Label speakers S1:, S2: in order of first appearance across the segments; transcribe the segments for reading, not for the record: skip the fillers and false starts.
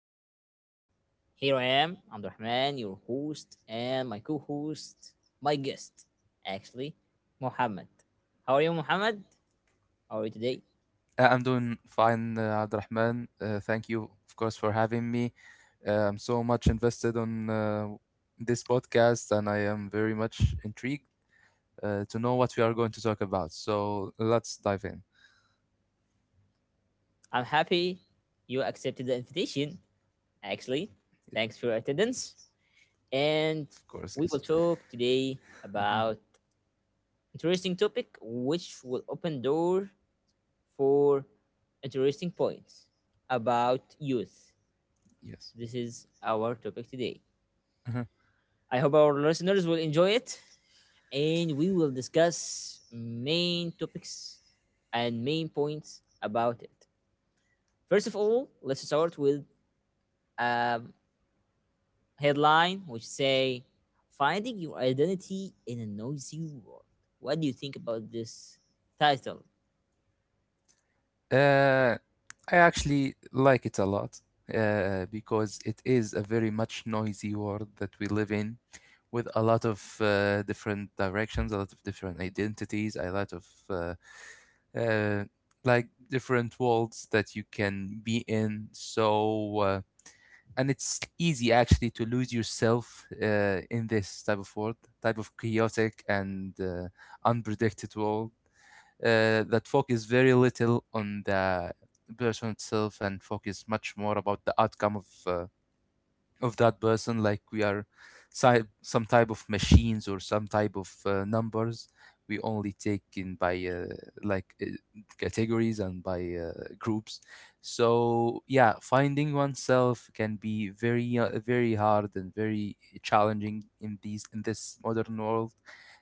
S1: podcast. Here I am, I'm Rahman, your host, and my guest, actually, Mohammed. How are you, Mohammed? How are you today?
S2: I'm doing fine, Abdurrahman. Thank you, of course, for having me. I'm so much invested on this podcast, and I am very much intrigued to know what we are going to talk about. So let's dive in.
S1: I'm happy you accepted the invitation, actually. Thanks for your attendance. And
S2: Of course,
S1: we
S2: yes.
S1: will talk today
S2: hmm
S1: about interesting topic which will open door for interesting points about youth.
S2: Yes.
S1: This is our topic today.
S2: Mhm.
S1: I hope our listeners will enjoy it and we will discuss main topics and main points about it. First of all, let's start with a headline which say finding your identity in a noisy world. What do you think about this title?
S2: Uh, I actually like it a lot because it is a very much noisy world that we live in, with a lot of different directions, a lot of different identities, a lot of uh, like different worlds that you can be in. And it's easy actually to lose yourself in this type of world, type of chaotic and unpredicted world that focus very little on the person itself and focus much more about the outcome of of that person, like we are some type of machines or some type of numbers. We only take in by like uh, categories and by groups. So yeah, finding oneself can be very very hard and very challenging in these in this modern world.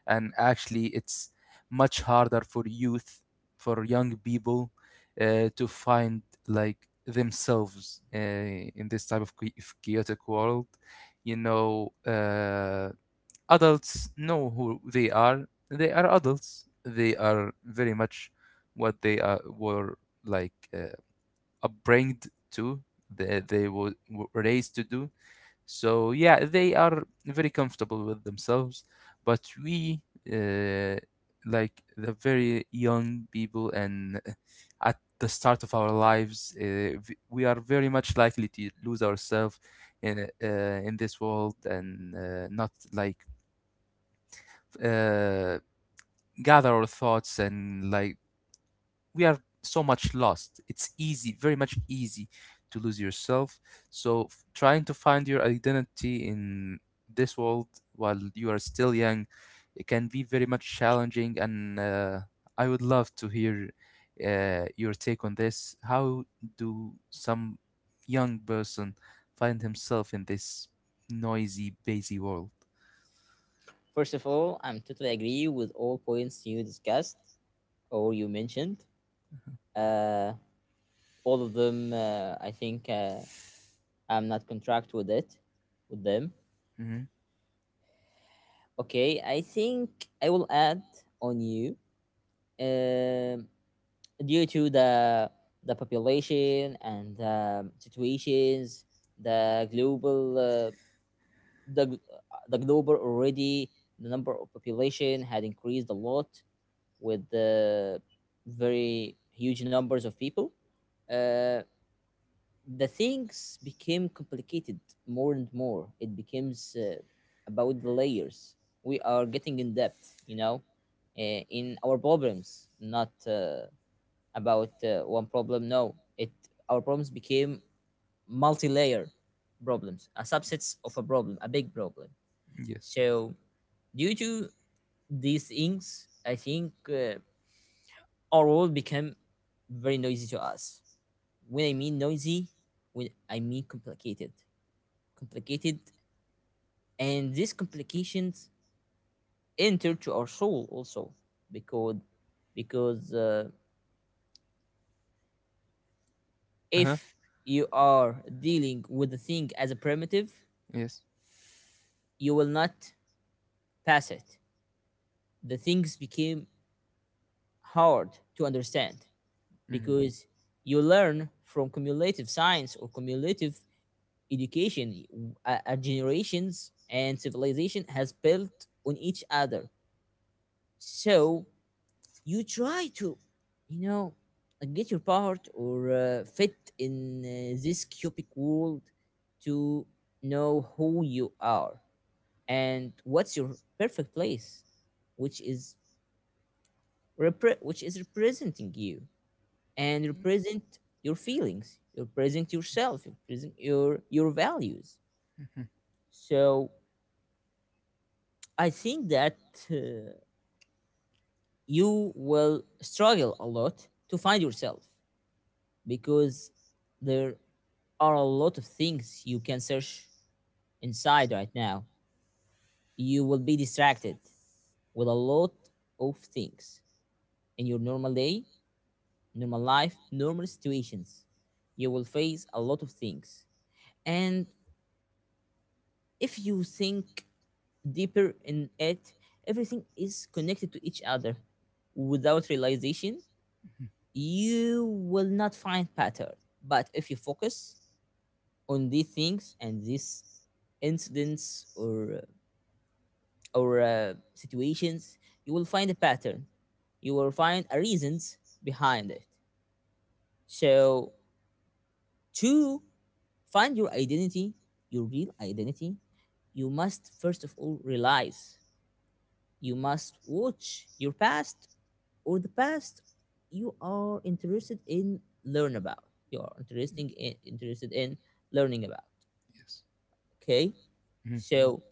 S2: And actually it's much harder for youth, for young people, to find like themselves in this type of chaotic world. You know, adults know who they are. They are adults. They are very much what they are were like upbringed to. They were raised to do. So yeah, they are very comfortable with themselves, but we uh, like the very young people and at the start of our lives, we are very much likely to lose ourselves in uh, in this world and not like uh, gather our thoughts. And like, we are so much lost. It's easy very much easy to lose yourself. So trying to find your identity in this world while you are still young, it can be very much challenging. And I would love to hear your take on this. How do some young person find himself in this noisy, busy world?
S1: First of all, I'm totally agree with all points you discussed or you mentioned. Uh, all of them, I think I'm not contract with it, with them.
S2: Hmm
S1: Okay, I think I will add on you. Um, Due to the population and situations, the global the gl- the global already the number of population had increased a lot with the very huge numbers of people. Uh, the things became complicated more and more. It becomes about the layers. We are getting in depth, you know, in our problems, not about one problem. No, it our problems became multi-layer problems, a subsets of a problem, a big problem.
S2: yes.
S1: So, due to these things, I think our world became very noisy to us. When I mean noisy, when I mean complicated, and these complications enter to our soul also because because
S2: Uh-huh.
S1: if you are dealing with the thing as a primitive,
S2: Yes.
S1: you will not pass it. The things became hard to understand
S2: hmm
S1: because you learn from cumulative science or cumulative education. Generations and civilization has built on each other. So you try to, you know, get your part or fit in this cubic world to know who you are and what's your perfect place which is which is representing you and represent your feelings, you represent yourself, you represent your values.
S2: yes.
S1: So I think that uh, you will struggle a lot to find yourself because there are a lot of things you can search inside right now. You will be distracted with a lot of things in your normal day, normal life, normal situations. You will face a lot of things. And if you think deeper in it, everything is connected to each other. Without realization, you will not find pattern. But if you focus on these things and these incidents or situations, you will find a pattern. You will find a reasons behind it. So to find your identity, your real identity, you must first of all realize you must watch your past or the past you are interested in learn about. You are interesting in, interested in learning about. Okay,
S2: Mm-hmm.
S1: so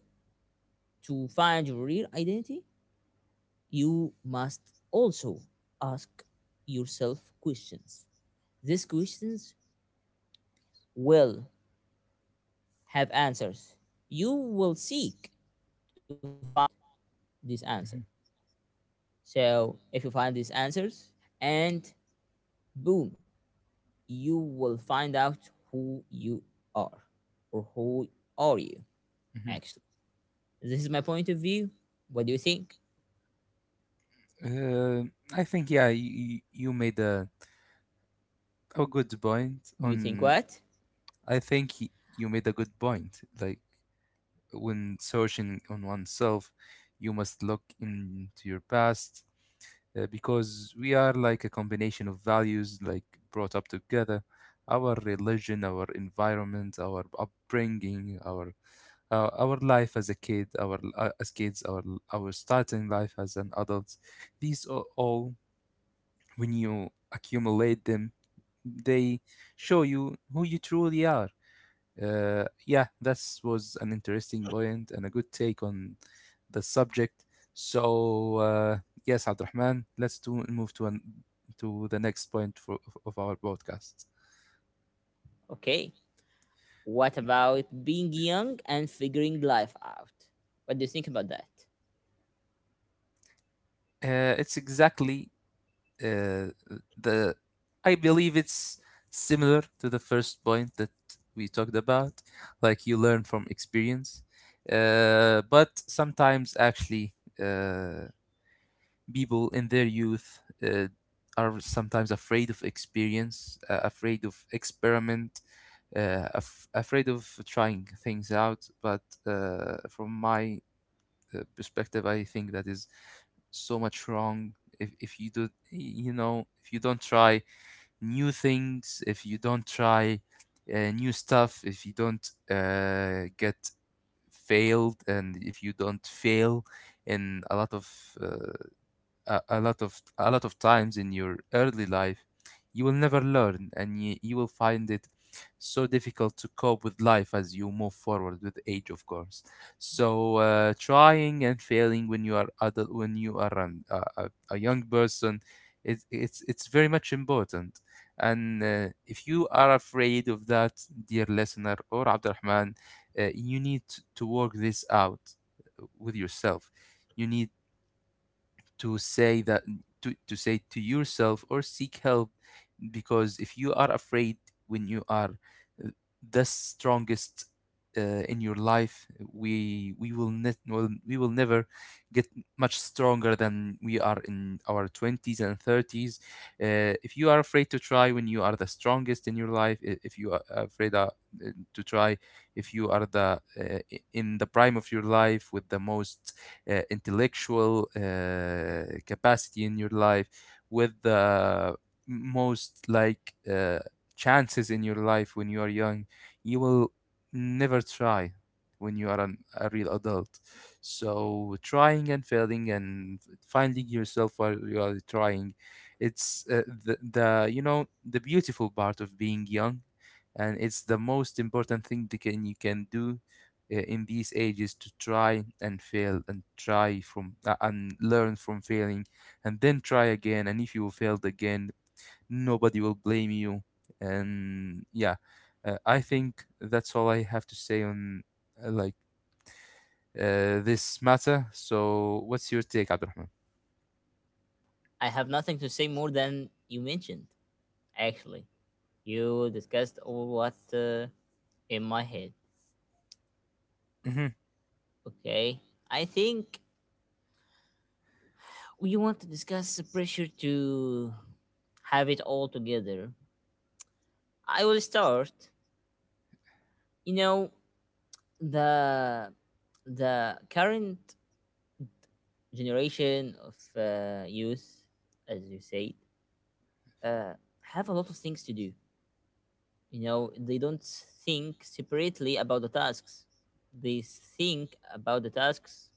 S1: to find your real identity, you must also ask yourself questions. These questions will have answers. You will seek to find out this answer.
S2: Mm-hmm.
S1: So, if you find these answers, and boom, you will find out who you are, or who are you
S2: Mhm.
S1: actually. This is my point of view. What do you think?
S2: Uh, I think, yeah, you made a good point
S1: Do you think
S2: on.
S1: what?
S2: I think you made a good
S1: I
S2: point. Like,
S1: think
S2: when
S1: actually,
S2: searching on oneself, you must look into your past because we are like a combination of values, like brought up together: our religion, our environment, our upbringing, our life as a kid, our as kids, our starting life as an adult. These are all, when you accumulate them, they show you who you truly are. Yeah, this was an interesting point and a good take on the subject. So yes, Abdurrahman, move to to the next point of our podcast.
S1: okay. What about being young and figuring life out? What do you think about that?
S2: It's exactly uh, the I believe it's similar to the first point that we talked about. Like, you learn from experience. But sometimes actually uh, people in their youth are sometimes afraid of experience, afraid of experiment, afraid of trying things out. But from my perspective, I think that is so much wrong. If you do, you know, if you don't try new things, if you don't try new stuff, if you don't get failed, and if you don't fail in a lot of a lot of a lot of times in your early life, you will never learn, and you will find it so difficult to cope with life as you move forward with age, of course. So trying and failing when you are adult, when you are a young person, it's very much important. And if you are afraid of that, dear listener or Abdurrahman, you need to work this out with yourself. You need to say that to say to yourself or seek help. Because if you are afraid when you are uh, the strongest in your life, we will never get much stronger than we are in our 20s and 30s. If you are afraid to try when you are the strongest in your life, if you are afraid to try, if you are the in the prime of your life with the most intellectual capacity in your life, with the most chances in your life when you are young, you will never try when you are a real adult. So trying and failing and finding yourself while you are trying, it's the, you know, the beautiful part of being young. And it's the most important thing that can you can do in these ages: to try and fail and try from and learn from failing and then try again. And if you failed again, nobody will blame you. And yeah, I think that's all I have to say on uh, like this matter. So what's your take, Abdurrahman?
S1: I have nothing to say more than you mentioned, actually. You discussed all what in my head.
S2: Mhm.
S1: Okay. I think we want to discuss the pressure to have it all together. I will start. You know, the the current generation of youth, as you said, uh, have a lot of things to do. You know, they don't think separately about the tasks. They think about the tasks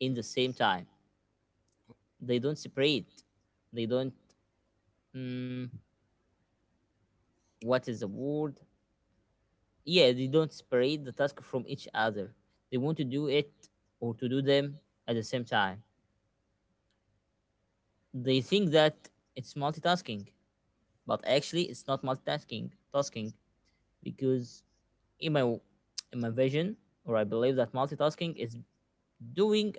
S1: in the same time. They don't separate. They don't, mm, what is the word, yeah, they don't separate the task from each other. They want to do it or to do them at the same time. They think that it's multitasking, but actually it's not multitasking tasking because in my vision, or I believe that multitasking is doing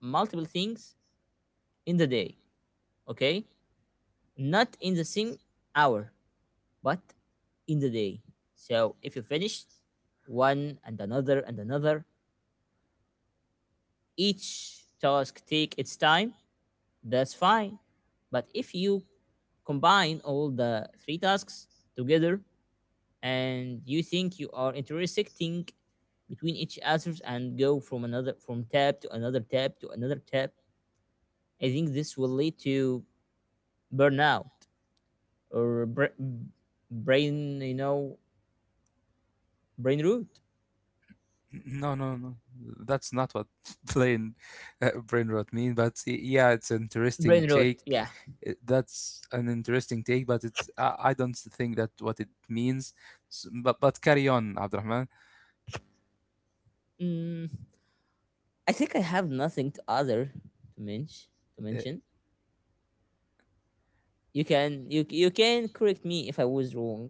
S1: multiple things in the day, okay, not in the same hour, but in the day. So if you finish one and another and another, each task take its time, that's fine. But if you combine all the three tasks together and you think you are intersecting between each others and go from another from tab to another tab to another tab, I think this will lead to burnout or brain, you know, brain root.
S2: No, no, no, that's not what plain brain rot mean. But yeah, it's an interesting
S1: Brain root,
S2: take.
S1: yeah.
S2: That's an interesting take, but it's I don't think that what it means. S But carry on, Abdurrahman.
S1: mm, I think I have nothing to mention to
S2: Uh,
S1: mention. You can, you can correct me if I was wrong.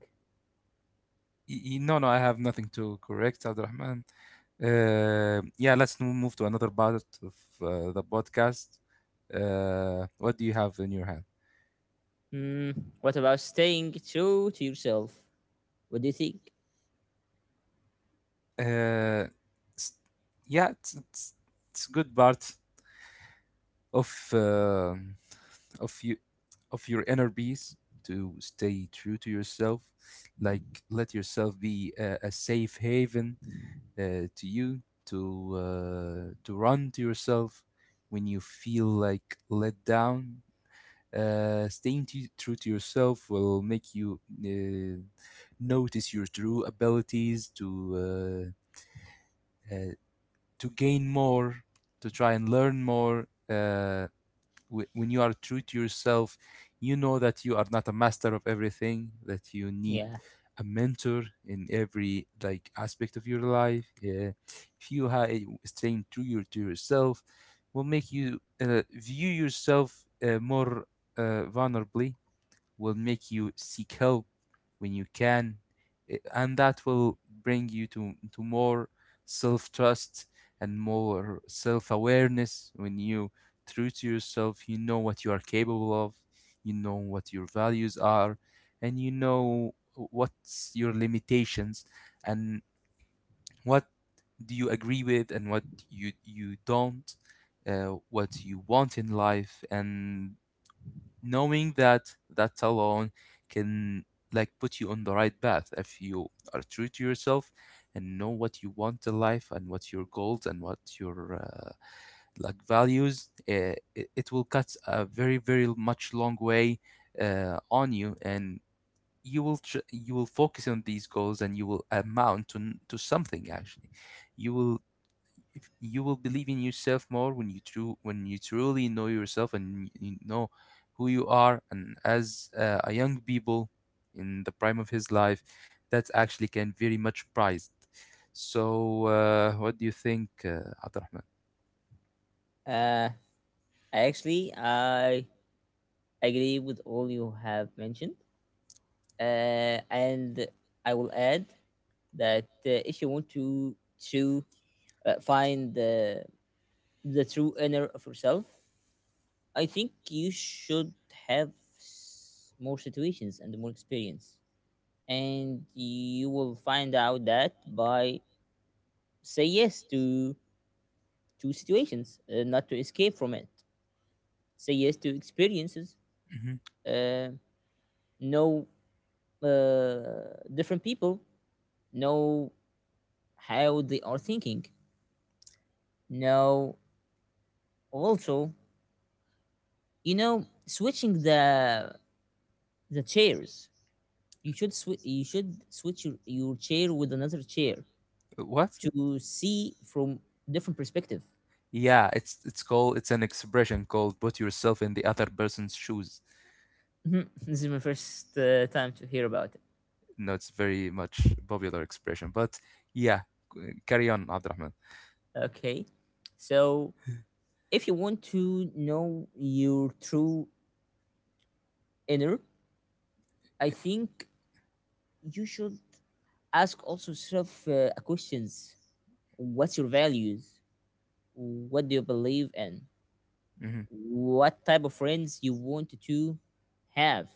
S2: no, no, I have nothing to correct, Abdurrahman. Yeah, let's now move to another part of the podcast. What do you have in your hand?
S1: mm, what about staying true to yourself? What do you think?
S2: Uh, s- yeah, it's a good part of uh, of you, of your inner peace to stay true to yourself. Like, let yourself be a safe haven to you, to run to yourself when you feel like let down. Staying true to yourself will make you uh, notice your true abilities, uh, uh, to gain more, to try and learn more. When you are true to yourself, you know that you are not a master of everything, that you need
S1: Yeah,
S2: a mentor in every like aspect of your life. Yeah. If you ha- eh, staying true your, to yourself will make you view yourself more vulnerably, will make you seek help when you can. And that will bring you to more self-trust and more self-awareness. When you true to yourself, you know what you are capable of, you know what your values are, and you know what's your limitations, and what do you agree with and what you don't, what you want in life. And knowing that, that alone can like put you on the right path. If you are true to yourself and know what you want in life, and what your goals, and what your values, it will cut a very very much long way on you. And you will focus on these goals, and you will amount to something actually. You will if you will believe in yourself more, when you true when you truly know yourself and you know who you are. And as a young people in the prime of his life, that actually can very much prized. So what do you think, Abdurrahman?
S1: uh actually I agree with all you have mentioned. And I will add that if you want to find the true inner of yourself, I think you should have more situations and more experience. And you will find out that by say yes to situations, not to escape from it. Say yes to experiences.
S2: Mhm.
S1: Uh, know different people. Know how they are thinking. Know also, you know, switching the chairs. You should you should switch your chair with another chair
S2: What?
S1: to see from different perspective.
S2: Yeah, it's an expression called put yourself in the other person's shoes.
S1: Mhm. This is my first time to hear about it.
S2: No, it's very much popular expression, but yeah, carry on, Abdurrahman.
S1: Okay, so if you want to know your true inner, I think you should ask also yourself questions. What's your values? What do you believe in? What type of friends you want to have?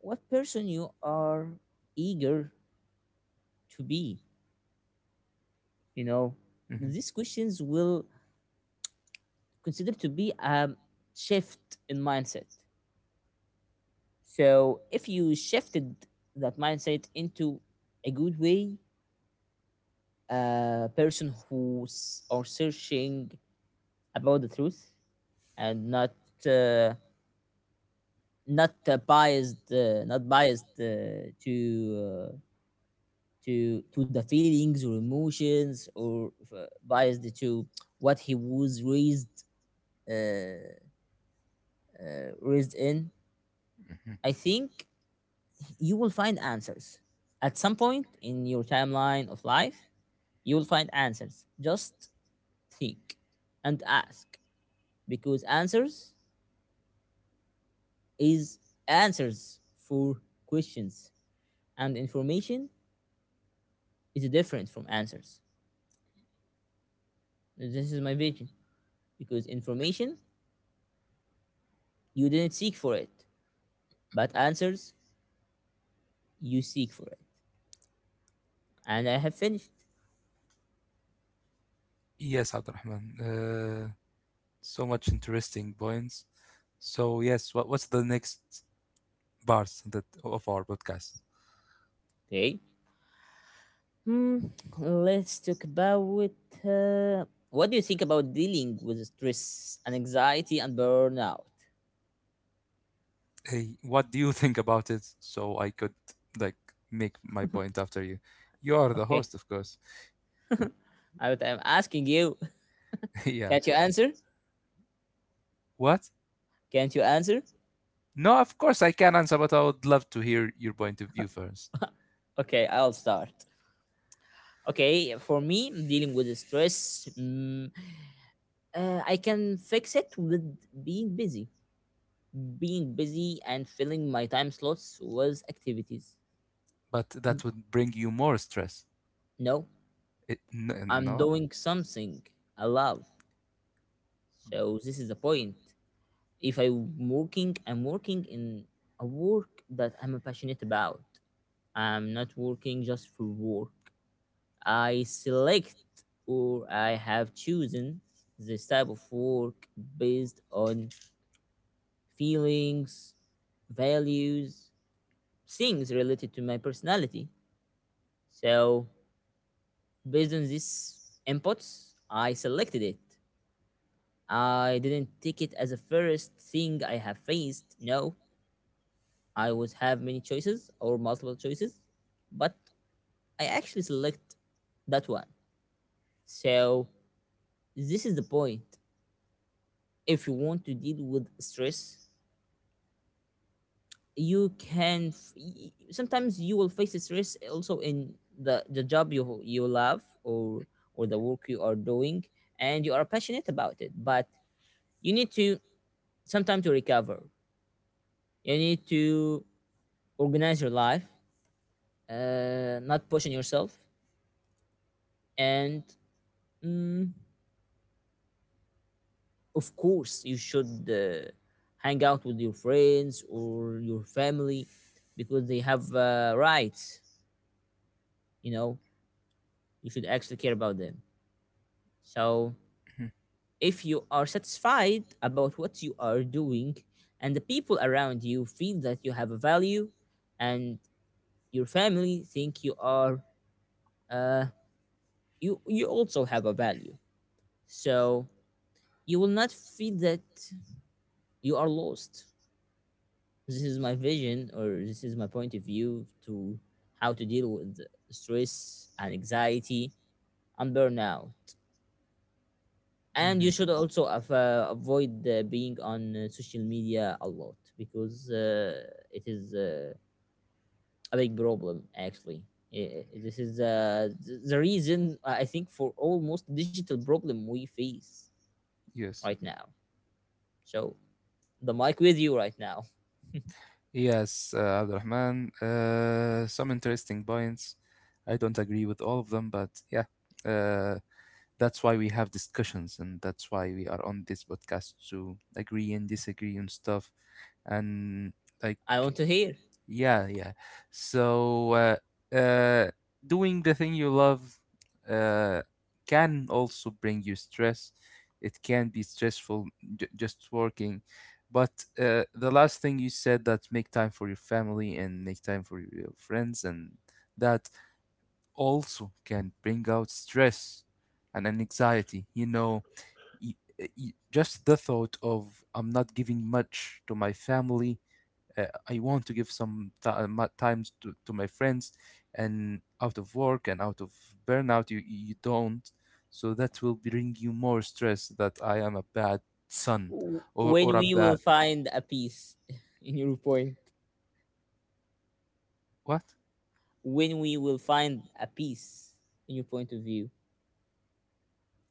S1: What person you are eager to be, you know?
S2: Hmm
S1: These questions will consider to be a shift in mindset. So if you shifted that mindset into a good way, a person who's are searching about the truth and uh, not biased, not biased uh, to the feelings or emotions, or biased to what he was raised uh, raised in, I think you will find answers. At some point in your timeline of life, you will find answers. Just think and ask, because answers is answers for questions, and information is different from answers. This is my vision, because information you didn't seek for it, but answers you seek for it. And I have finished.
S2: Yes, Abdurrahman. So much interesting points. So yes, what, what's the next part that of our podcast?
S1: Okay. Hmm, let's talk about, uh, what do you think about dealing with stress and anxiety and burnout?
S2: Hey, what do you think about it? So I could like make my point after you. You are the
S1: Okay,
S2: host, of course.
S1: I, I'm asking you.
S2: Yeah.
S1: Can't you answer?
S2: What?
S1: Can't you answer?
S2: No, of course I can answer, but I would love to hear your point of view first.
S1: Okay, I'll start. Okay, for me, dealing with the stress, I can fix it with being busy. Being busy and filling my time slots with activities.
S2: But that would bring you more stress.
S1: No, I'm
S2: No.
S1: doing something I love. So this is the point. If I'm working, I'm working in a work that I'm passionate about. I'm not working just for work. I select, or I have chosen this type of work based on feelings, values, things related to my personality. So, based on these inputs, I selected it. I didn't take it as a first thing I have faced. No, I would have many choices or multiple choices, but I actually select that one. So this is the point. If you want to deal with stress, you can. Sometimes you will face stress also in the job you love, or the work you are doing, and you are passionate about it. But you need to some time to recover. You need to organize your life, not pushing yourself, and, mm, of course, you should hang out with your friends or your family because they have rights. You know, you should actually care about them. So, if you are satisfied about what you are doing and the people around you feel that you have a value and your family think you are uh you also have a value, so you will not feel that you are lost. This is my vision, or this is my point of view to how to deal with stress and anxiety and burnout. And you
S2: Mhm.
S1: should also avoid being on social media a lot, because it is, a big problem actually. This is the reason I think for almost digital problem we face
S2: Yes.
S1: right now. So the mic with you right now.
S2: Yes, Abdul Rahman, some interesting points. I don't agree with all of them, but yeah, uh, that's why we have discussions, and that's why we are on this podcast: to agree and disagree on stuff. And like,
S1: I want to hear
S2: yeah, yeah. So, uh, doing the thing you love uh, can also bring you stress. It can be stressful, just working. But the last thing you said, that make time for your family and make time for your friends, and that also can bring out stress and an anxiety. You know, y- just the thought of I'm not giving much to my family. I want to give times to my friends and out of work and out of burnout. You don't, so that will bring you more stress that I am a bad son, or
S1: when
S2: a
S1: we will
S2: bad
S1: find a peace in your point,
S2: what.
S1: when we will find a peace in your point of view.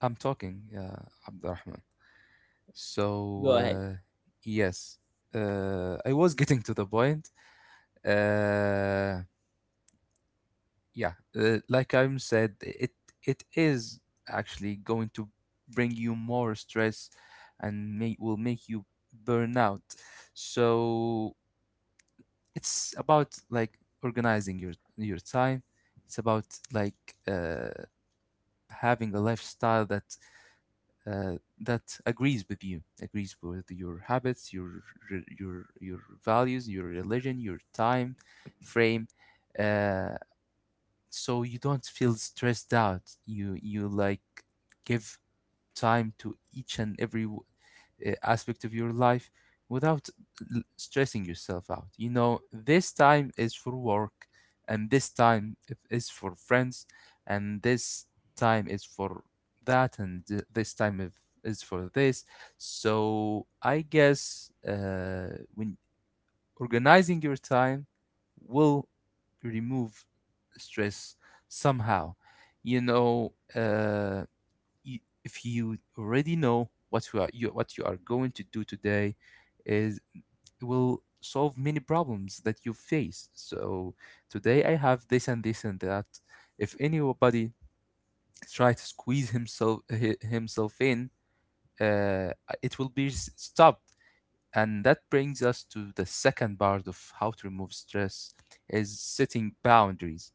S2: I'm talking, yeah, Abdurrahman. so
S1: Go ahead.
S2: uh, yes. I was getting to the point. uh, Yeah, like I'm said, it is actually going to bring you more stress and may, will make you burn out. So it's about like organizing your time. It's about like having a lifestyle that that agrees with you, agrees with your habits, your values, your religion, your time frame. Uh, so you don't feel stressed out. You like give time to each and every aspect of your life without stressing yourself out. You know, this time is for work, and this time is for friends, and this time is for that, and this time is for this. So I guess, when organizing your time will remove stress somehow. You know, if you already know what you are going to do today, is it will solve many problems that you face. So today I have this and this and that. If anybody try to squeeze himself in, uh, it will be stop, and that brings us to the second part of how to remove stress is setting boundaries.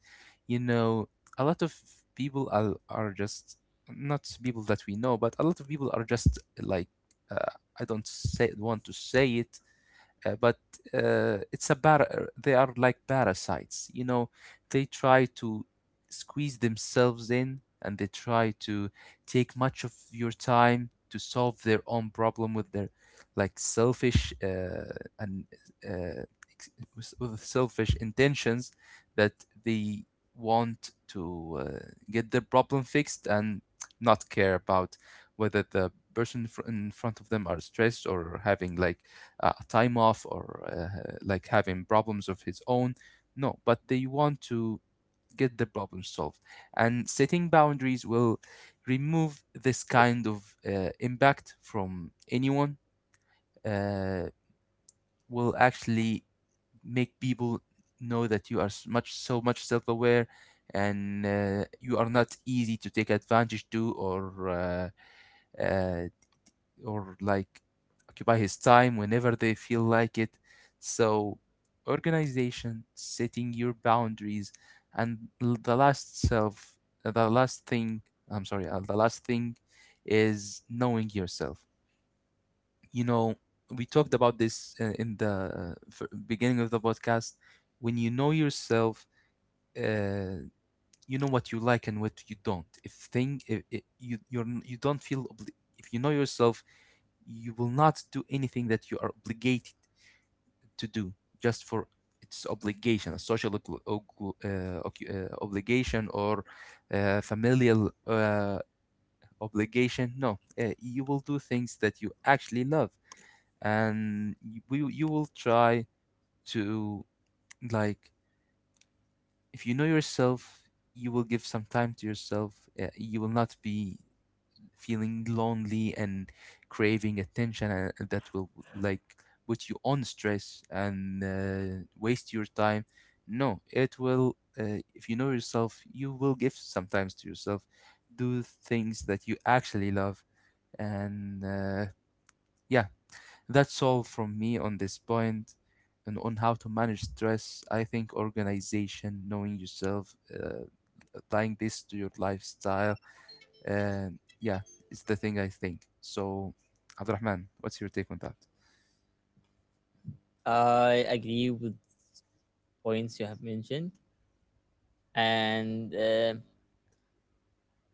S2: You know, a lot of people are just not people that we know, but a lot of people are just like, uh, I don't say want to say it, but it's a they are like parasites. You know, they try to squeeze themselves in and they try to take much of your time to solve their own problem with their like selfish, and uh, ex- with selfish intentions, that they want to get their problem fixed and not care about whether the person in front of them are stressed or having like time off or like having problems of his own. No, but they want to get the problem solved. And setting boundaries will remove this kind of impact from anyone, uh, will actually make people know that you are s- much so much self-aware, and you are not easy to take advantage to, uh, or like occupy his time whenever they feel like it. So, organization, setting your boundaries, and the last thing, I'm sorry, the last thing is knowing yourself. You know, we talked about this in the beginning of the podcast. When you know yourself, uh, you know what you like and what you don't. If thing, if you you're, n- you don't feel obli- If you know yourself, you will not do anything that you are obligated to do just for its obligation, a social uh, obligation, or familial obligation. No, you will do things that you actually love, and you will try to, like, if you know yourself, you will give some time to yourself. You will not be feeling lonely and craving attention, that will like put you on stress and waste your time. No, it will if you know yourself, you will give sometimes to yourself, do things that you actually love. And yeah That's all from me on this point. And on how to manage stress, I think organization, knowing yourself, applying this to your lifestyle, and yeah, it's the thing I think. So, Abdurrahman, what's your take on that?
S1: I agree with points you have mentioned, and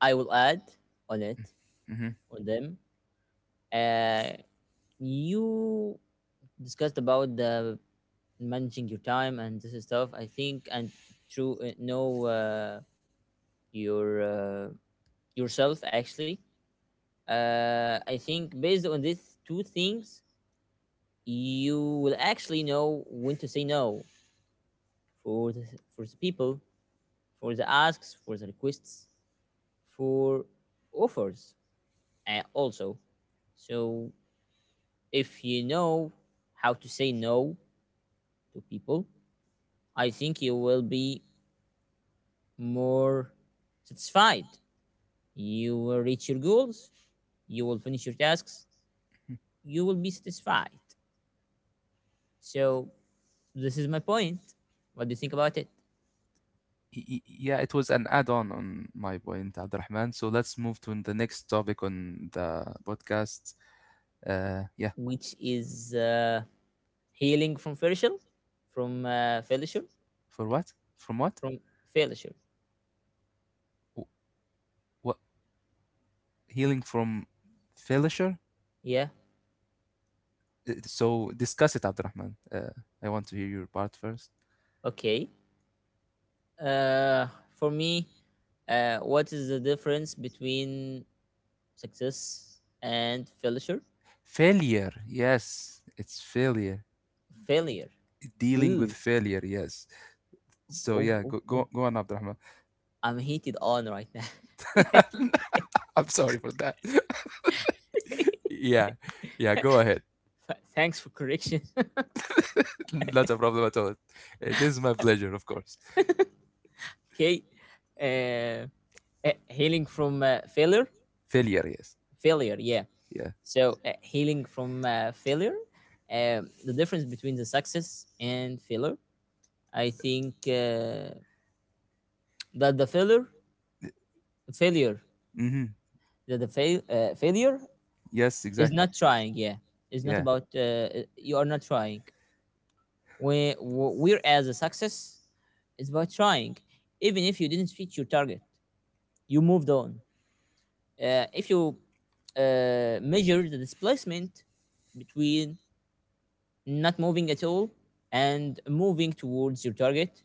S1: I will add on it,
S2: Hmm.
S1: on them. uh, you discussed about the managing your time and this is stuff I think. And through know your yourself actually. I think based on these two things, you will actually know when to say no for the, for the people, for the asks, for the requests, for offers, and also. So if you know how to say no to people, I think you will be more satisfied. You will reach your goals. You will finish your tasks. You will be satisfied. So this is my point. What do you think about it?
S2: Yeah, it was an add-on on my point, Abdurrahman. So let's move to the next topic on the podcast. Yeah.
S1: Which is healing from failure, from failure,
S2: For what? From what?
S1: from failure.
S2: Wh- What, healing from failure?
S1: Yeah.
S2: So discuss it, Abdurrahman. I want to hear your part first.
S1: Okay. Uh, for me, what is the difference between success and failure?
S2: Failure, yes, it's failure.
S1: Failure.
S2: Dealing with
S1: Ooh.
S2: failure, yes. So
S1: Oh,
S2: yeah,
S1: oh,
S2: go
S1: oh.
S2: go go on, Abdurrahman.
S1: I'm heated on right now.
S2: I'm sorry for that. Yeah, yeah, go ahead.
S1: Thanks for correction.
S2: Not a problem at all. It is my pleasure, of course.
S1: Okay. Uh, healing from failure.
S2: Failure, yes.
S1: Failure. Yeah.
S2: Yeah.
S1: So, healing from failure, the difference between the success and failure, I think that the failure,
S2: Mm-hmm.
S1: that failure
S2: Yes,
S1: is
S2: exactly.
S1: not trying. Yeah, it's not
S2: Yeah.
S1: about you are not trying. We're as a success, it's about trying. Even if you didn't reach your target, you moved on. If you measure the displacement between not moving at all and moving towards your target,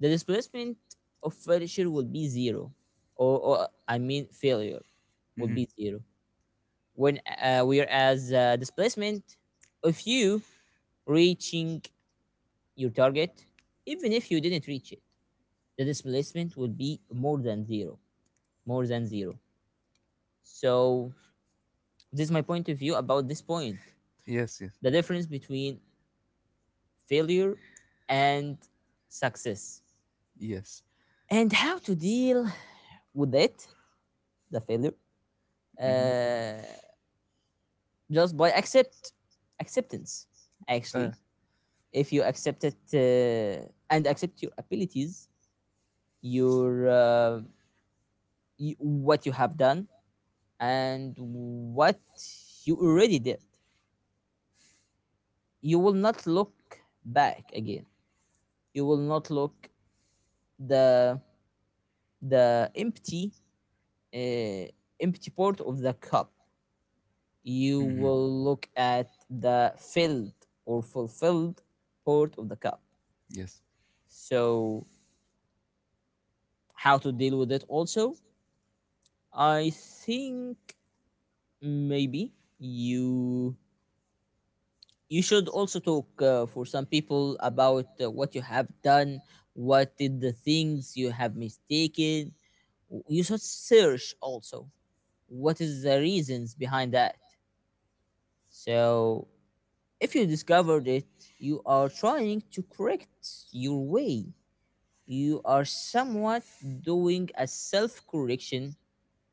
S1: the displacement of failure will be zero, or I mean failure will
S2: Mm-hmm.
S1: be zero. When whereas displacement of you reaching your target, even if you didn't reach it, the displacement will be more than zero, more than zero. So this is my point of view about this point:
S2: Yes, yes,
S1: the difference between failure and success,
S2: yes.
S1: and how to deal with it, the failure,
S2: Mm-hmm.
S1: uh, just by accept, acceptance
S2: Uh,
S1: actually. If you accept it and accept your abilities, your, what you have done and what you already did, you will not look back again. You will not look the the empty, uh, empty part of the cup. You
S2: mm-hmm.
S1: will look at the filled or fulfilled part of the cup.
S2: Yes.
S1: So, how to deal with it also? I think maybe you you should also talk for some people about what you have done, what did the things you have mistaken. You should search also what is the reasons behind that. So if you discovered it, you are trying to correct your way. You are somewhat doing a self correction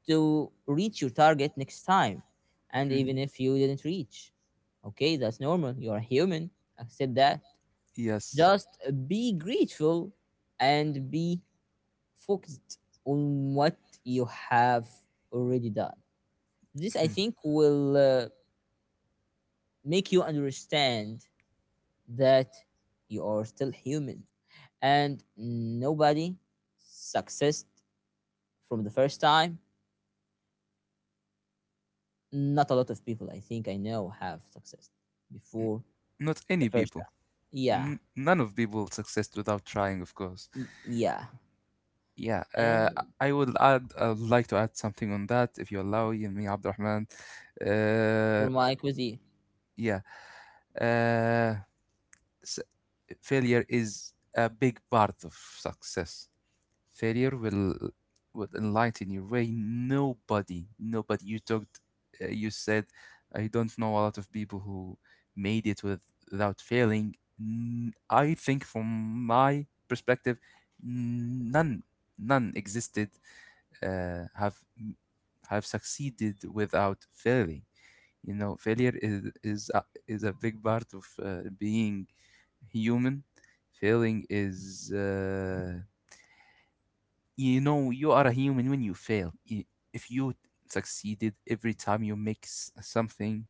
S1: to reach your target next time. And
S2: Mm-hmm.
S1: even if you didn't reach, okay, that's normal. You're human. Accept that.
S2: Yes.
S1: Just be grateful and be focused on what you have already done. This, I
S2: Mhm.
S1: think, will make you understand that you are still human and nobody successed from the first time. Not a lot of people I think I know have successed before
S2: Not
S1: the
S2: any
S1: first
S2: people.
S1: time. Yeah,
S2: None of people success without trying, of course.
S1: yeah.
S2: Yeah,
S1: And
S2: I would like to add something on that, if you allow me, Abdurrahman.
S1: for
S2: Uh,
S1: my quiz,
S2: yeah. Uh, s- Failure is a big part of success. Failure will enlighten your way. Nobody, nobody. You said, I don't know a lot of people who made it without failing. I think, from my perspective, none, none existed. Have succeeded without failing. You know, failure is a big part of being human. Failing is, you know, you are a human when you fail. If you succeeded every time you make something,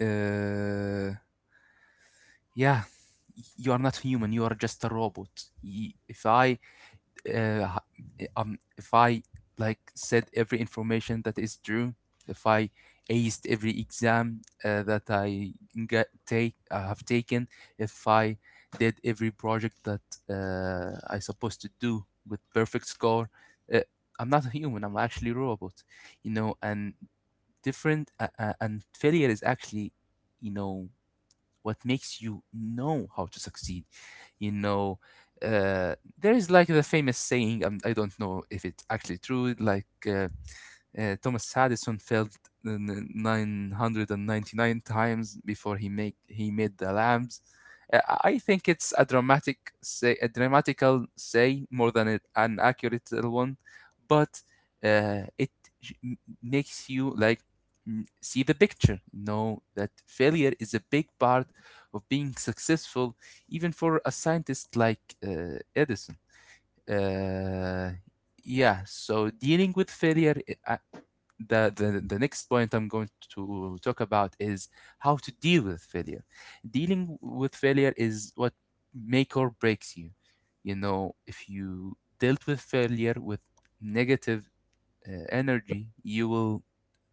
S2: uh, yeah, you are not human. You are just a robot. Y- If I uh, if I like said every information that is true, if I aced every exam that I get take I have taken, if I did every project that I supposed to do with perfect score, uh, I'm not a human. I'm actually a robot, you know. And failure is actually, you know, what makes you know how to succeed. You know, there is like the famous saying, I don't know if it's actually true, Thomas Addison failed 999 times before he made the lamps. I think it's a dramatic say, a dramatical say more than it, an accurate one, but it makes you like see the picture. Know that failure is a big part of being successful, even for a scientist like, Edison. Uh, yeah, so dealing with failure, i- the next point I'm going to talk about is how to deal with failure. Dealing with failure is what make or breaks you. You know, if you dealt with failure with negative energy, you will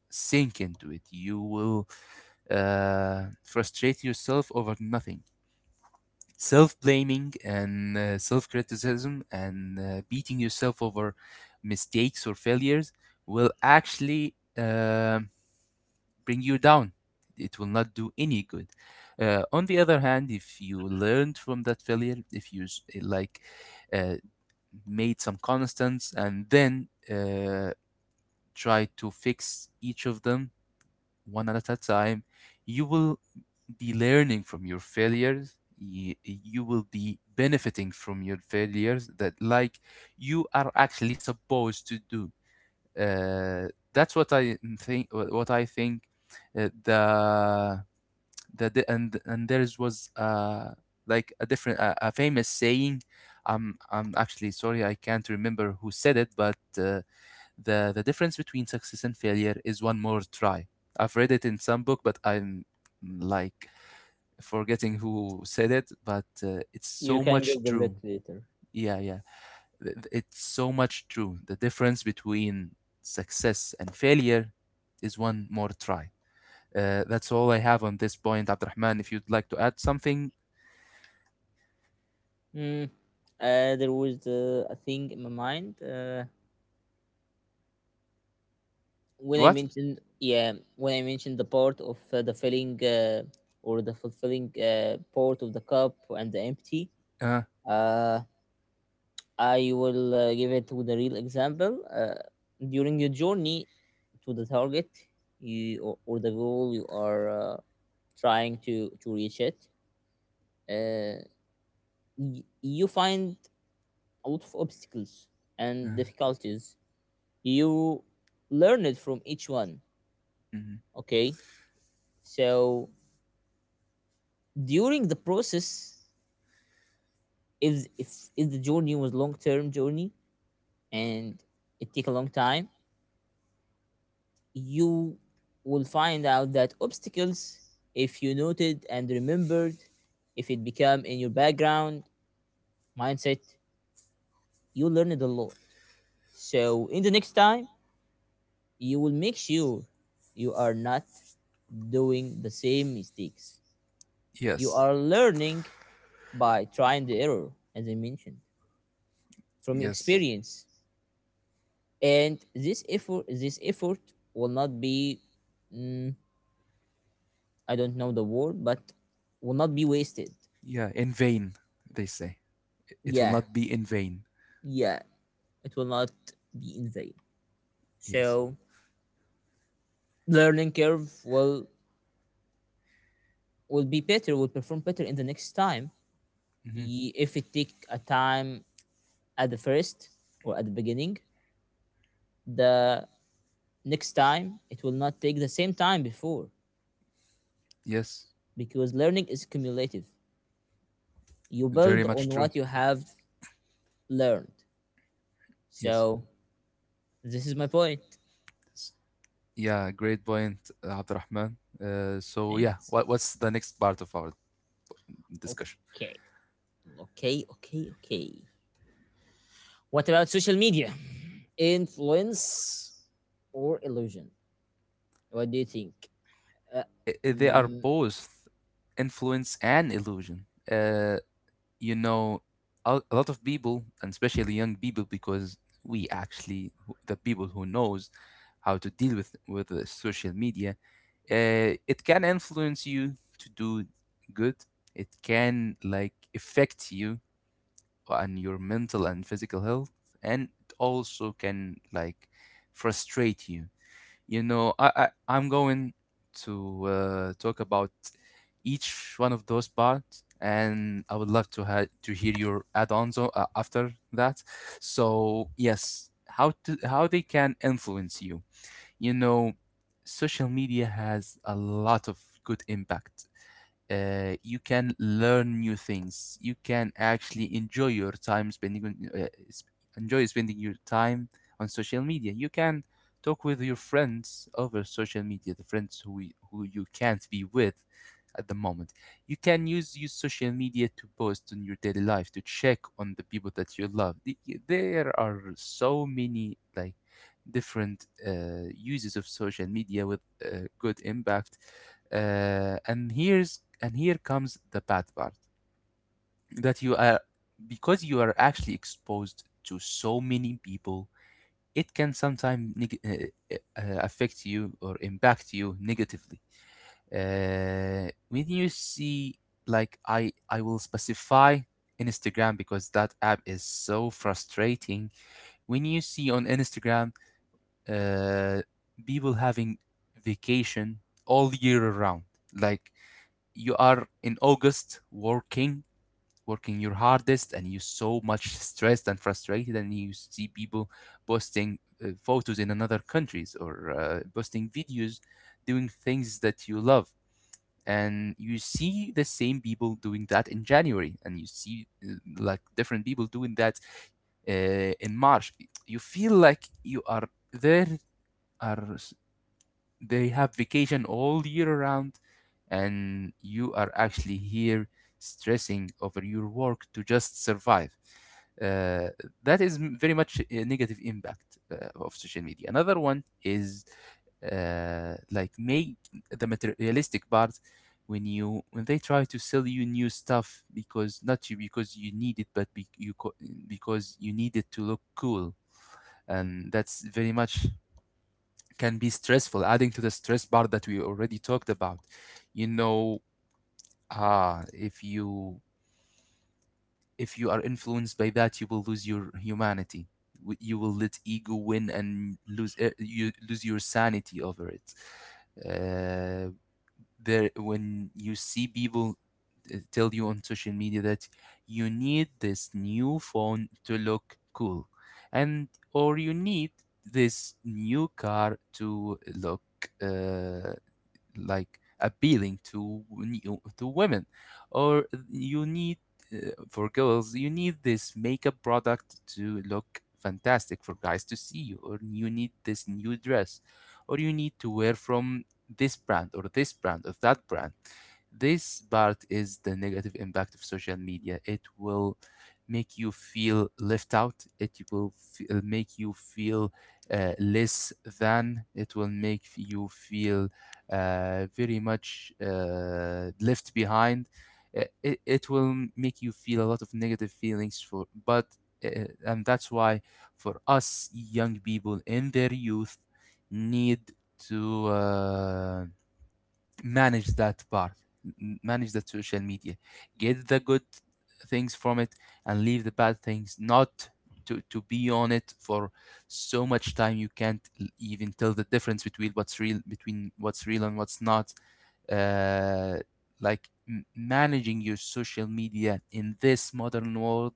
S2: sink into it. You will frustrate yourself over nothing. Self blaming and self criticism and beating yourself over mistakes or failures will actually bring you down. It will not do any good. On the other hand, if you learned from that failure, if you uh, made some constants and then try to fix each of them one at a time, you will be learning from your failures. You will be benefiting from your failures, that, like, you are actually supposed to do. uh, that's what I think. What I think. Uh, the and there is was, like, a different, a famous saying. I'm actually sorry I can't remember who said it, but the difference between success and failure is one more try. I've read it in some book, but I'm like forgetting who said it, but it's
S1: you
S2: so
S1: can
S2: much
S1: Google
S2: true.
S1: it later.
S2: Yeah, yeah, it's so much true. The difference between success and failure is one more try. That's all I have on this point, Abdurrahman. If you'd like to add something.
S1: Mm. There was a thing in my mind when I
S2: What?
S1: mentioned, yeah, when I mentioned the part of the filling, or the fulfilling part of the cup and the empty.
S2: Uh,
S1: Uh, I will give it with a real example. During your journey to the target, you, or the goal you are trying to reach it, uh, you find a lot of obstacles
S2: uh,
S1: and difficulties. You learn it from each one.
S2: mhm.
S1: Okay, so during the process, if if the journey was long term journey and it take a long time, you will find out that obstacles, if you noted and remembered, if it became in your background mindset, you learned a lot. So in the next time, you will make sure you are not doing the same mistakes. You
S2: Yes,
S1: are learning by trying the error, as I mentioned, from
S2: yes,
S1: experience. And this effort will not be, mm, I don't know the word, but will not be wasted.
S2: yeah. In vain, they say. It will
S1: Yeah,
S2: not be in vain.
S1: yeah, it will not be in vain.
S2: Yes,
S1: So learning curve will be better, will perform better in the next time.
S2: hmm,
S1: If it take a time at the first or at the beginning, the next time it will not take the same time before,
S2: yes.
S1: because learning is cumulative. You build
S2: Very
S1: on
S2: much true.
S1: what you have learned.
S2: Yes.
S1: So this is my point.
S2: S- Yeah, great point, Abdurrahman. So yeah,
S1: Thanks.
S2: what's the next part of our discussion?
S1: Okay. Okay. Okay. Okay. What about social media? Influence or illusion? What do you think? Uh,
S2: They are
S1: mm,
S2: both influence and illusion. Uh, you know, a lot of people, and especially young people, because we actually, the people who knows how to deal with the social media, it can influence you to do good. It can like affect you on your mental and physical health, and it also can like frustrate you. You know, I'm going to talk about each one of those parts, and I would love to hear your add-ons after that. So yes, how they can influence you. You know, social media has a lot of good impact. You can learn new things. You can actually enjoy spending your time on social media. You can talk with your friends over social media, the friends who you can't be with at the moment. You can use social media to post on your daily life, to check on the people that you love. There are so many like different uses of social media with good impact. And here comes the bad part, that you are because you are actually exposed to so many people, it can sometimes affect you or impact you negatively. When you see, like, I will specify Instagram, because that app is so frustrating. When you see on Instagram, uh, people having vacation all year around, like, you are in August working, working your hardest, and you're so much stressed and frustrated, and you see people posting photos in another countries, or posting videos doing things that you love. And you see the same people doing that in January, and you see like different people doing that in March. You feel like you are there are s- they have vacation all year round, and you are actually here stressing over your work to just survive. uh, that is very much a negative impact of social media. Another one is like make the materialistic part, when you when they try to sell you new stuff, because not you because you need it, but be, you co- because you need it to look cool. And that's very much can be stressful, adding to the stress bar that we already talked about. You know, ah, if you if you are influenced by that, you will lose your humanity. You will let ego win and you lose your sanity over it. Uh, when you see people tell you on social media that you need this new phone to look cool, and or you need this new car to look uh, like appealing to when to women, or you need for girls you need this makeup product to look fantastic for guys to see you, or you need this new dress, or you need to wear from this brand or that brand. This part is the negative impact of social media. It will make you feel left out, it will make you feel less than, it will make you feel very much left behind. It will make you feel a lot of negative feelings for. But and that's why for us young people in their youth need to manage that part, manage that social media, get the good things from it and leave the bad things, not to be on it for so much time you can't even tell the difference between what's real and what's not. uh, like managing your social media in this modern world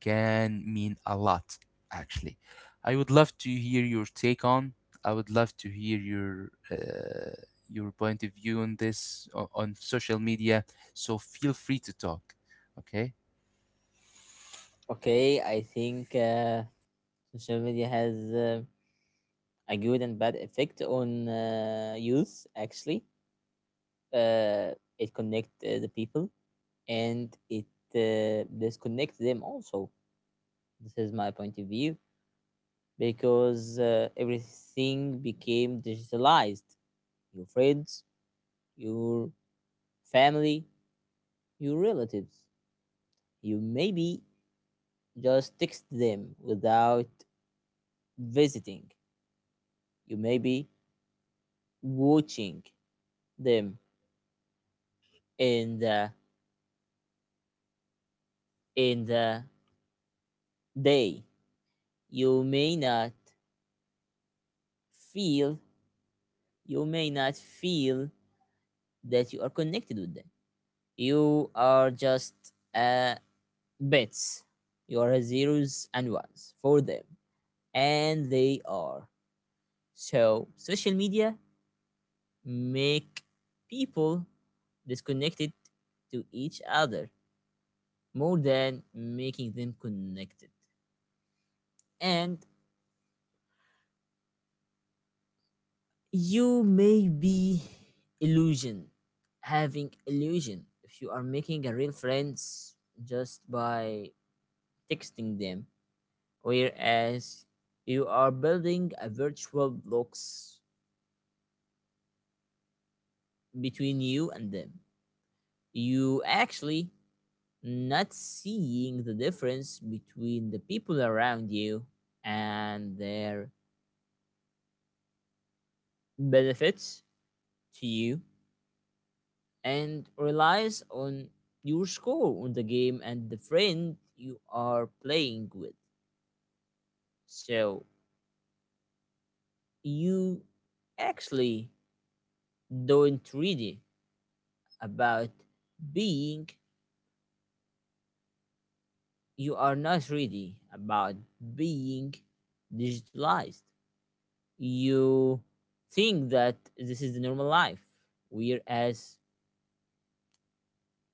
S2: can mean a lot, actually. I would love to hear your take on I would love to hear your point of view on on social media, so feel free to talk. Okay.
S1: okay, I think social media has a good and bad effect on youth, actually. It connects the people and it disconnects them also. This is my point of view because everything became digitalized. Your friends, your family, your relatives. You maybe just text them without visiting. You maybe watching them in the day. You may not feel you may not feel that you are connected with them. You are just uh, bits. You are zeros and ones for them, and they are. So social media make people disconnected to each other more than making them connected. And you may be illusion, having illusion if you are making a real friends just by texting them, whereas you are building a virtual blocks between you and them. You actually not seeing the difference between the people around you and their benefits to you, and relies on your score on the game and the friend you are playing with. So you actually don't really about being, you are not ready about being digitalized. You think that this is the normal life, whereas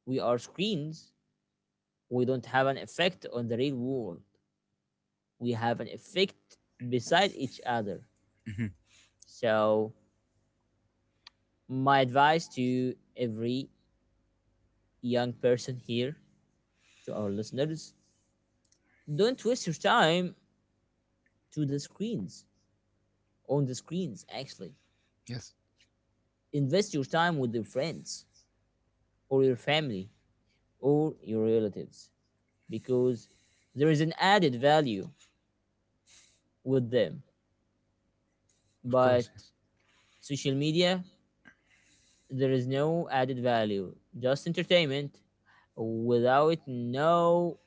S1: we are screens. We don't have an effect on the real world. We have an effect beside each other.
S2: hmm
S1: So my advice to every young person here, to our listeners, don't waste your time to the screens, on the screens actually.
S2: yes.
S1: Invest your time with your friends or your family or your relatives, because there is an added value with them.
S2: Of
S1: But
S2: course, yes.
S1: social media, there is no added value, just entertainment without no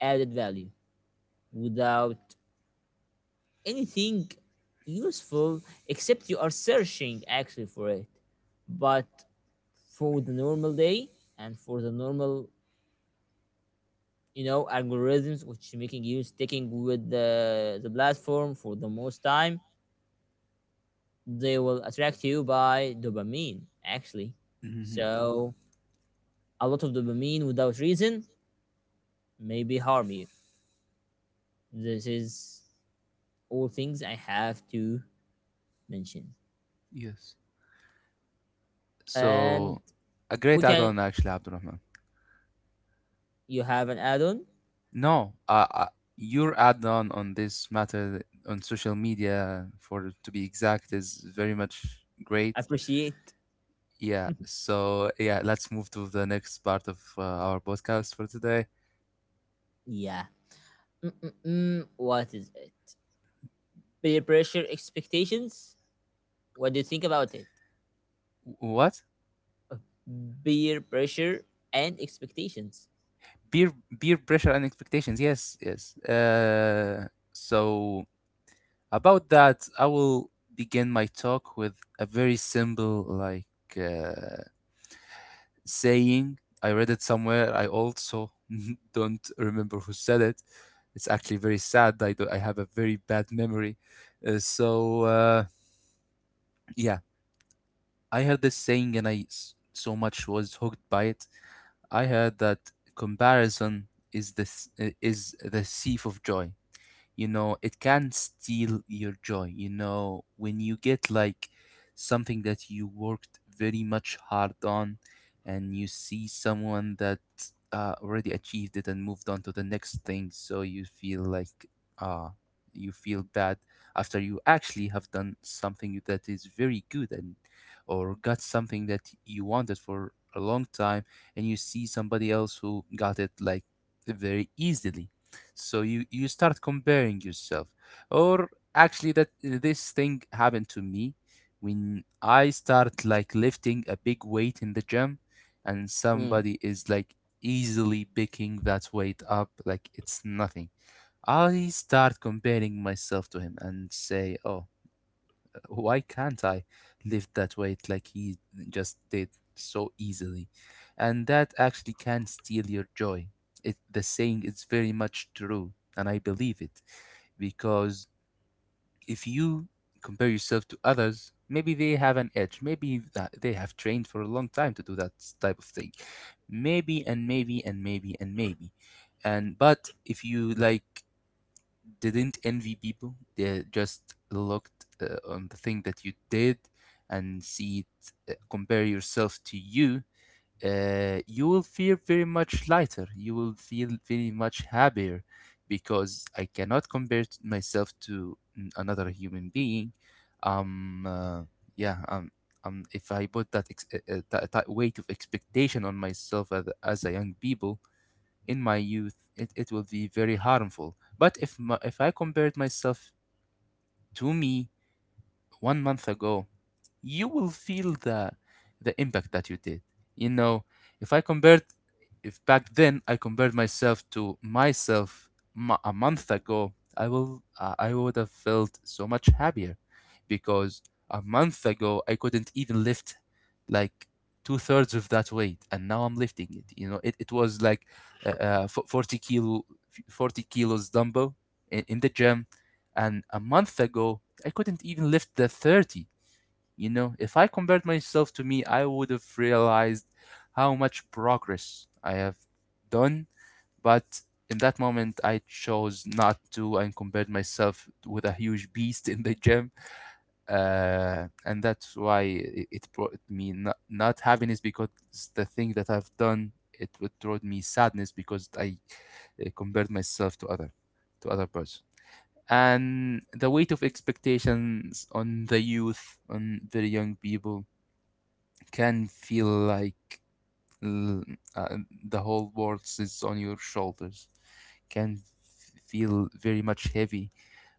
S1: added value, without anything useful except you are searching actually for it. But for the normal day and for the normal, you know, algorithms which making you sticking with the platform for the most time, they will attract you by dopamine actually.
S2: hmm
S1: So a lot of dopamine without reason maybe harm you. This is all things I have to mention.
S2: yes,
S1: And
S2: so a
S1: we
S2: great
S1: can,
S2: add-on, actually, Abdurrahman.
S1: you have an add on?
S2: No, your add-on on this matter, on social media, for to be exact, is very much great.
S1: Appreciate.
S2: Yeah, so yeah, let's move to the next part of our podcast for today.
S1: Yeah. Mm-mm-mm. What is it? Peer pressure expectations? What do you think about it?
S2: What?
S1: Peer pressure and expectations.
S2: Peer peer pressure and expectations. Yes, yes. So about that, I will begin my talk with a very simple like. uh, Saying, I read it somewhere, I also don't remember who said it. It's actually very sad, I have a very bad memory. Uh, so uh, yeah, I heard this saying and so much was hooked by it. I heard that comparison is is the thief of joy. You know, it can steal your joy. You know, when you get like something that you worked very much hard on, and you see someone that already achieved it and moved on to the next thing, so you feel like uh you feel bad after you actually have done something that is very good, and or got something that you wanted for a long time, and you see somebody else who got it like very easily. So you start comparing yourself. Or actually that this thing happened to me when I start like lifting a big weight in the gym, and
S1: Mm,
S2: somebody is like easily picking that weight up like it's nothing, I start comparing myself to him and say, oh, why can't I lift that weight like he just did so easily? And that actually can steal your joy. It, the saying is very much true, and I believe it, because if you compare yourself to others, maybe they have an edge. Maybe that they have trained for a long time to do that type of thing. Maybe and maybe and maybe and maybe. And but if you like didn't envy people, they just looked on the thing that you did and see it, compare yourself to you. You will feel very much lighter. You will feel very much happier, because I cannot myself to another human being. Um, uh, yeah, um, if I put that weight of expectation on myself as a young people, in my youth, it will be very harmful. But if I compared myself to me 1 month ago, you will feel the impact that you did. You know, if I compared, if back then I compared myself to myself a month ago, I would have felt so much happier, because a month ago I couldn't even lift like two-thirds of that weight, and now I'm lifting it. You know, it was like 40 kilo, 40 kilos dumbbell in the gym, and a month ago, I couldn't even lift the 30. You know, if I compared myself to me, I would have realized how much progress I have done. But in that moment, I chose not to and compared myself with a huge beast in the gym. And that's why it, it brought me not, not happiness, because the thing that I've done, it would brought me sadness because I compared myself to other person. And the weight of expectations on the youth, on very young people, can feel like l- uh, the whole world sits on your shoulders, can feel very much heavy.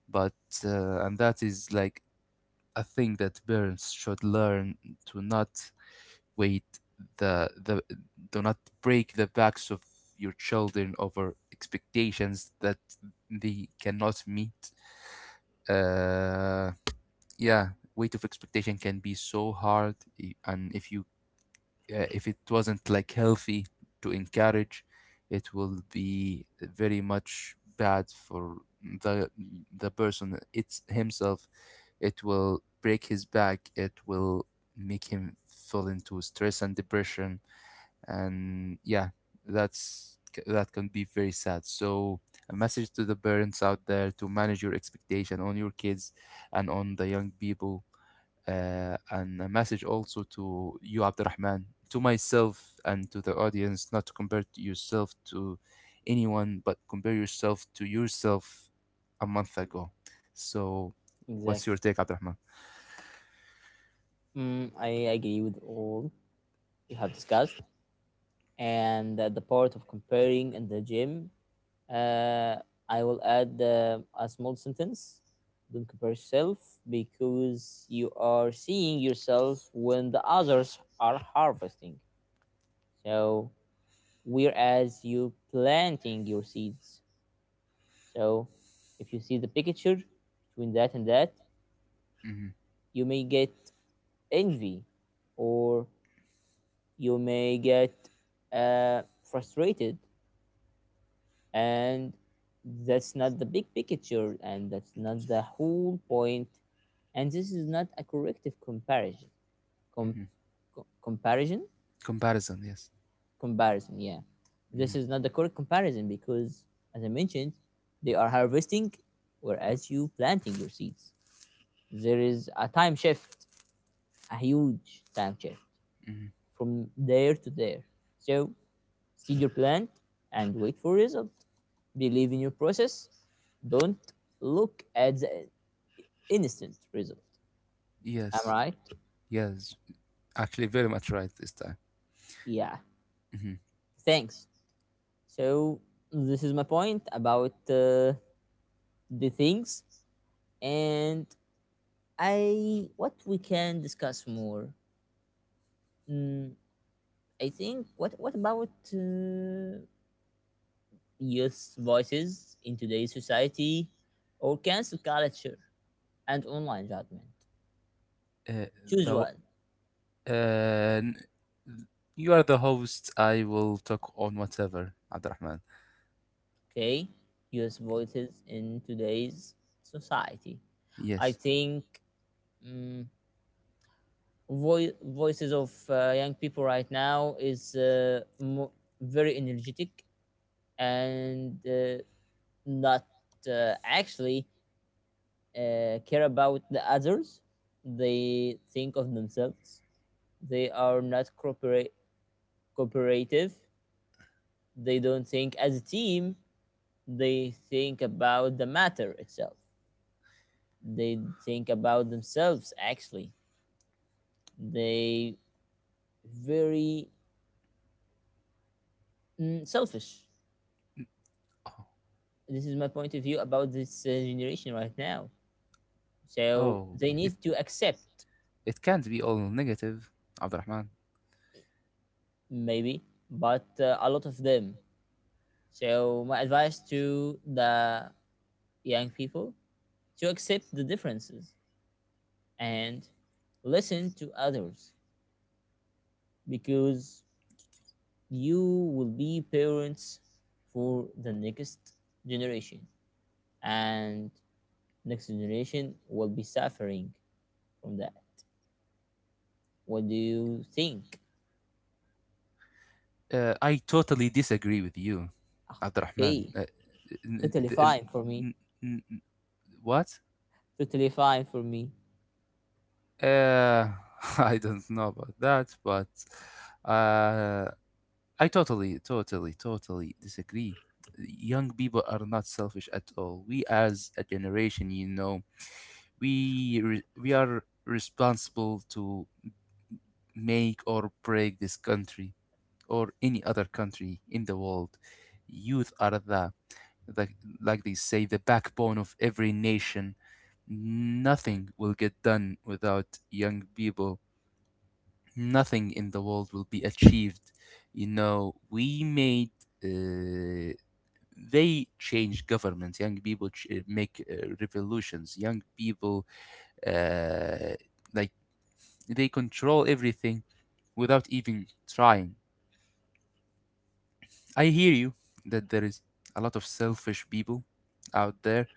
S2: But and that is like a thing that parents should learn, to not wait the do not break the backs of your children over expectations that they cannot meet. uh yeah Weight of expectation can be so hard. And if you if it wasn't like healthy to encourage, it will be very much bad for the the person it's himself. It will break his back, it will make him fall into stress and depression. And yeah, that's that can be very sad. So a message to the parents out there, to manage your expectation on your kids and on the young people. And a message also to you, Abdurrahman, to myself and to the audience, not to compare to yourself to anyone, but compare yourself to yourself a month ago. So, what's
S1: exactly.
S2: your take, Abdurrahman?
S1: Mm, I agree with all you have discussed. And the part of comparing in the gym, uh, I will add a small sentence. Don't compare yourself because you are seeing yourself when the others are harvesting. So whereas you planting your seeds, so if you see the picture between that and that,
S2: Hmm
S1: you may get envy, or you may get frustrated. And that's not the big picture and that's not the whole point, and this is not a corrective comparison. Com-
S2: hmm
S1: comparison,
S2: Comparison, yes.
S1: comparison, yeah, this
S2: hmm
S1: is not the correct comparison, because as I mentioned, they are harvesting whereas you planting your seeds. There is a time shift, a huge time shift
S2: hmm
S1: from there to there. So see your plant and wait for result. Believe in your process. Don't look at the instant result. Am I
S2: Yes,
S1: right?
S2: yes. Actually, very much right this time.
S1: Yeah.
S2: Hmm
S1: Thanks. So this is my point about the things, and I what we can discuss more. Mm, I think what about youth voices in today's society, or cancel culture and online judgment?
S2: Uh,
S1: Choose
S2: the,
S1: one.
S2: uh, n- you are the host. I will talk on whatever, Abdurrahman.
S1: Okay. US voices in today's society. I
S2: Yes.
S1: think um, voices of young people right now is very energetic and not actually care about the others. They think of themselves. They are not cooperate cooperative. They don't think as a team. They think about the matter itself. They think about themselves actually. They very, mm, selfish.
S2: Oh,
S1: This is my point of view about this generation right now. So
S2: oh,
S1: they
S2: it,
S1: need to accept.
S2: It can't be all negative, Abdurrahman.
S1: Maybe, but a lot of them. So my advice to the young people to accept the differences and listen to others, because you will be parents for the next generation, and next generation will be suffering from that. What do you think?
S2: I totally disagree with you, Abdurrahman.
S1: Okay,
S2: N-
S1: totally
S2: n-
S1: fine for me.
S2: n- n- n- what?
S1: Totally fine for me.
S2: Uh, I don't know about that, but uh, I totally, totally, totally disagree. Young people are not selfish at all. We, as a generation, you know, we are responsible to make or break this country, or any other country in the world. Youth are the, they say, the backbone of every nation. Nothing will get done without young people. Nothing in the world will be achieved. You know, we made. Uh, they change governments. Young people make revolutions. Young people, uh, like, they control everything without even trying. I hear you that there is a lot of selfish people out there,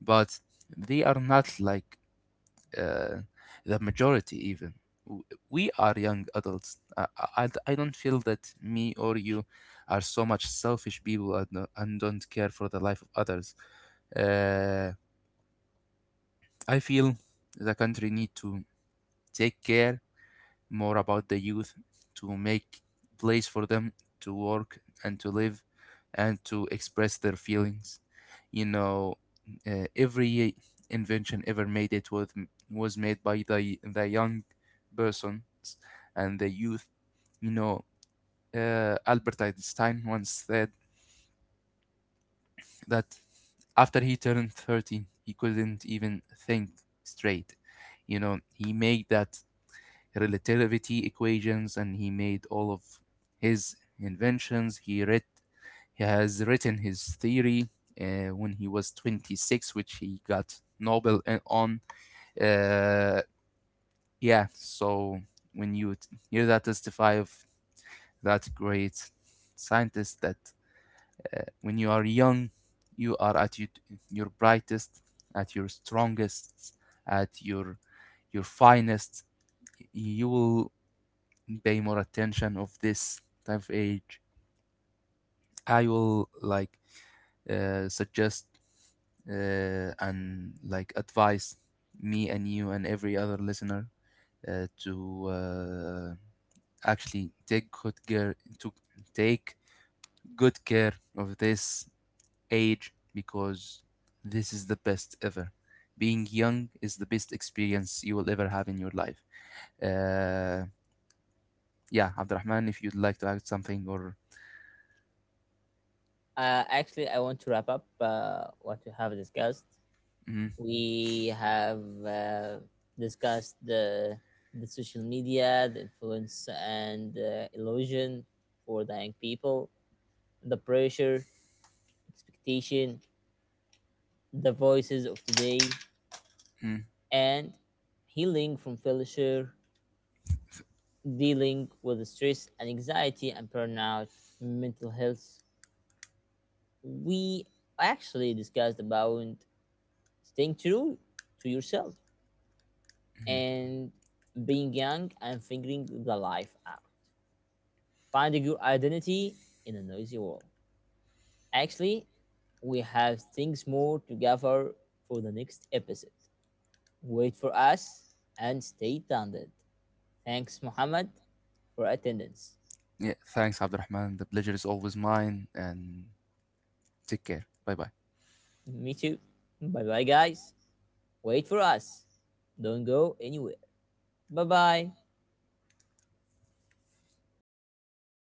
S2: but they are not like uh, the majority even. W- We are young adults. I don't feel that me or you are so much selfish people and and don't care for the life of others. Uh, I feel the country need to take care more about the youth, to make place for them to work and to live and to express their feelings. You know, every invention ever made, it was made by the young persons and the youth. You know, Albert Einstein once said that after he turned 30 he couldn't even think straight. You know, he made that relativity equations, and he made all of his inventions. He has written his theory when he was 26, which he got Nobel on. Uh, yeah, so when you hear that testify of that great scientist, that when you are young, you are at your brightest, at your strongest, at your finest. You will pay more attention of this type of age. I will like suggest and like advise me and you and every other listener to actually take good care to take good care of this age, because this is the best ever. Being young is the best experience you will ever have in your life. uh, yeah, Abdurrahman, if you'd like to add something or.
S1: Actually, I want to wrap up what we have discussed.
S2: Mm,
S1: We have uh, discussed the social media, the influence and illusion for the young people, the pressure, expectation, the voices of today,
S2: mm,
S1: and healing from failure, dealing with stress and anxiety and burnout, mental health. We actually discussed about staying true to yourself,
S2: mm.
S1: and being young and figuring the life out, finding your identity in a noisy world. Actually, we have things more to gather for the next episode. Wait for us and stay tuned. Thanks, Muhammad, for attendance.
S2: Yeah, thanks, Abdurrahman. The pleasure is always mine. And take care. Bye bye.
S1: Me too. Bye bye, guys. Wait for us. Don't go anywhere. Bye bye.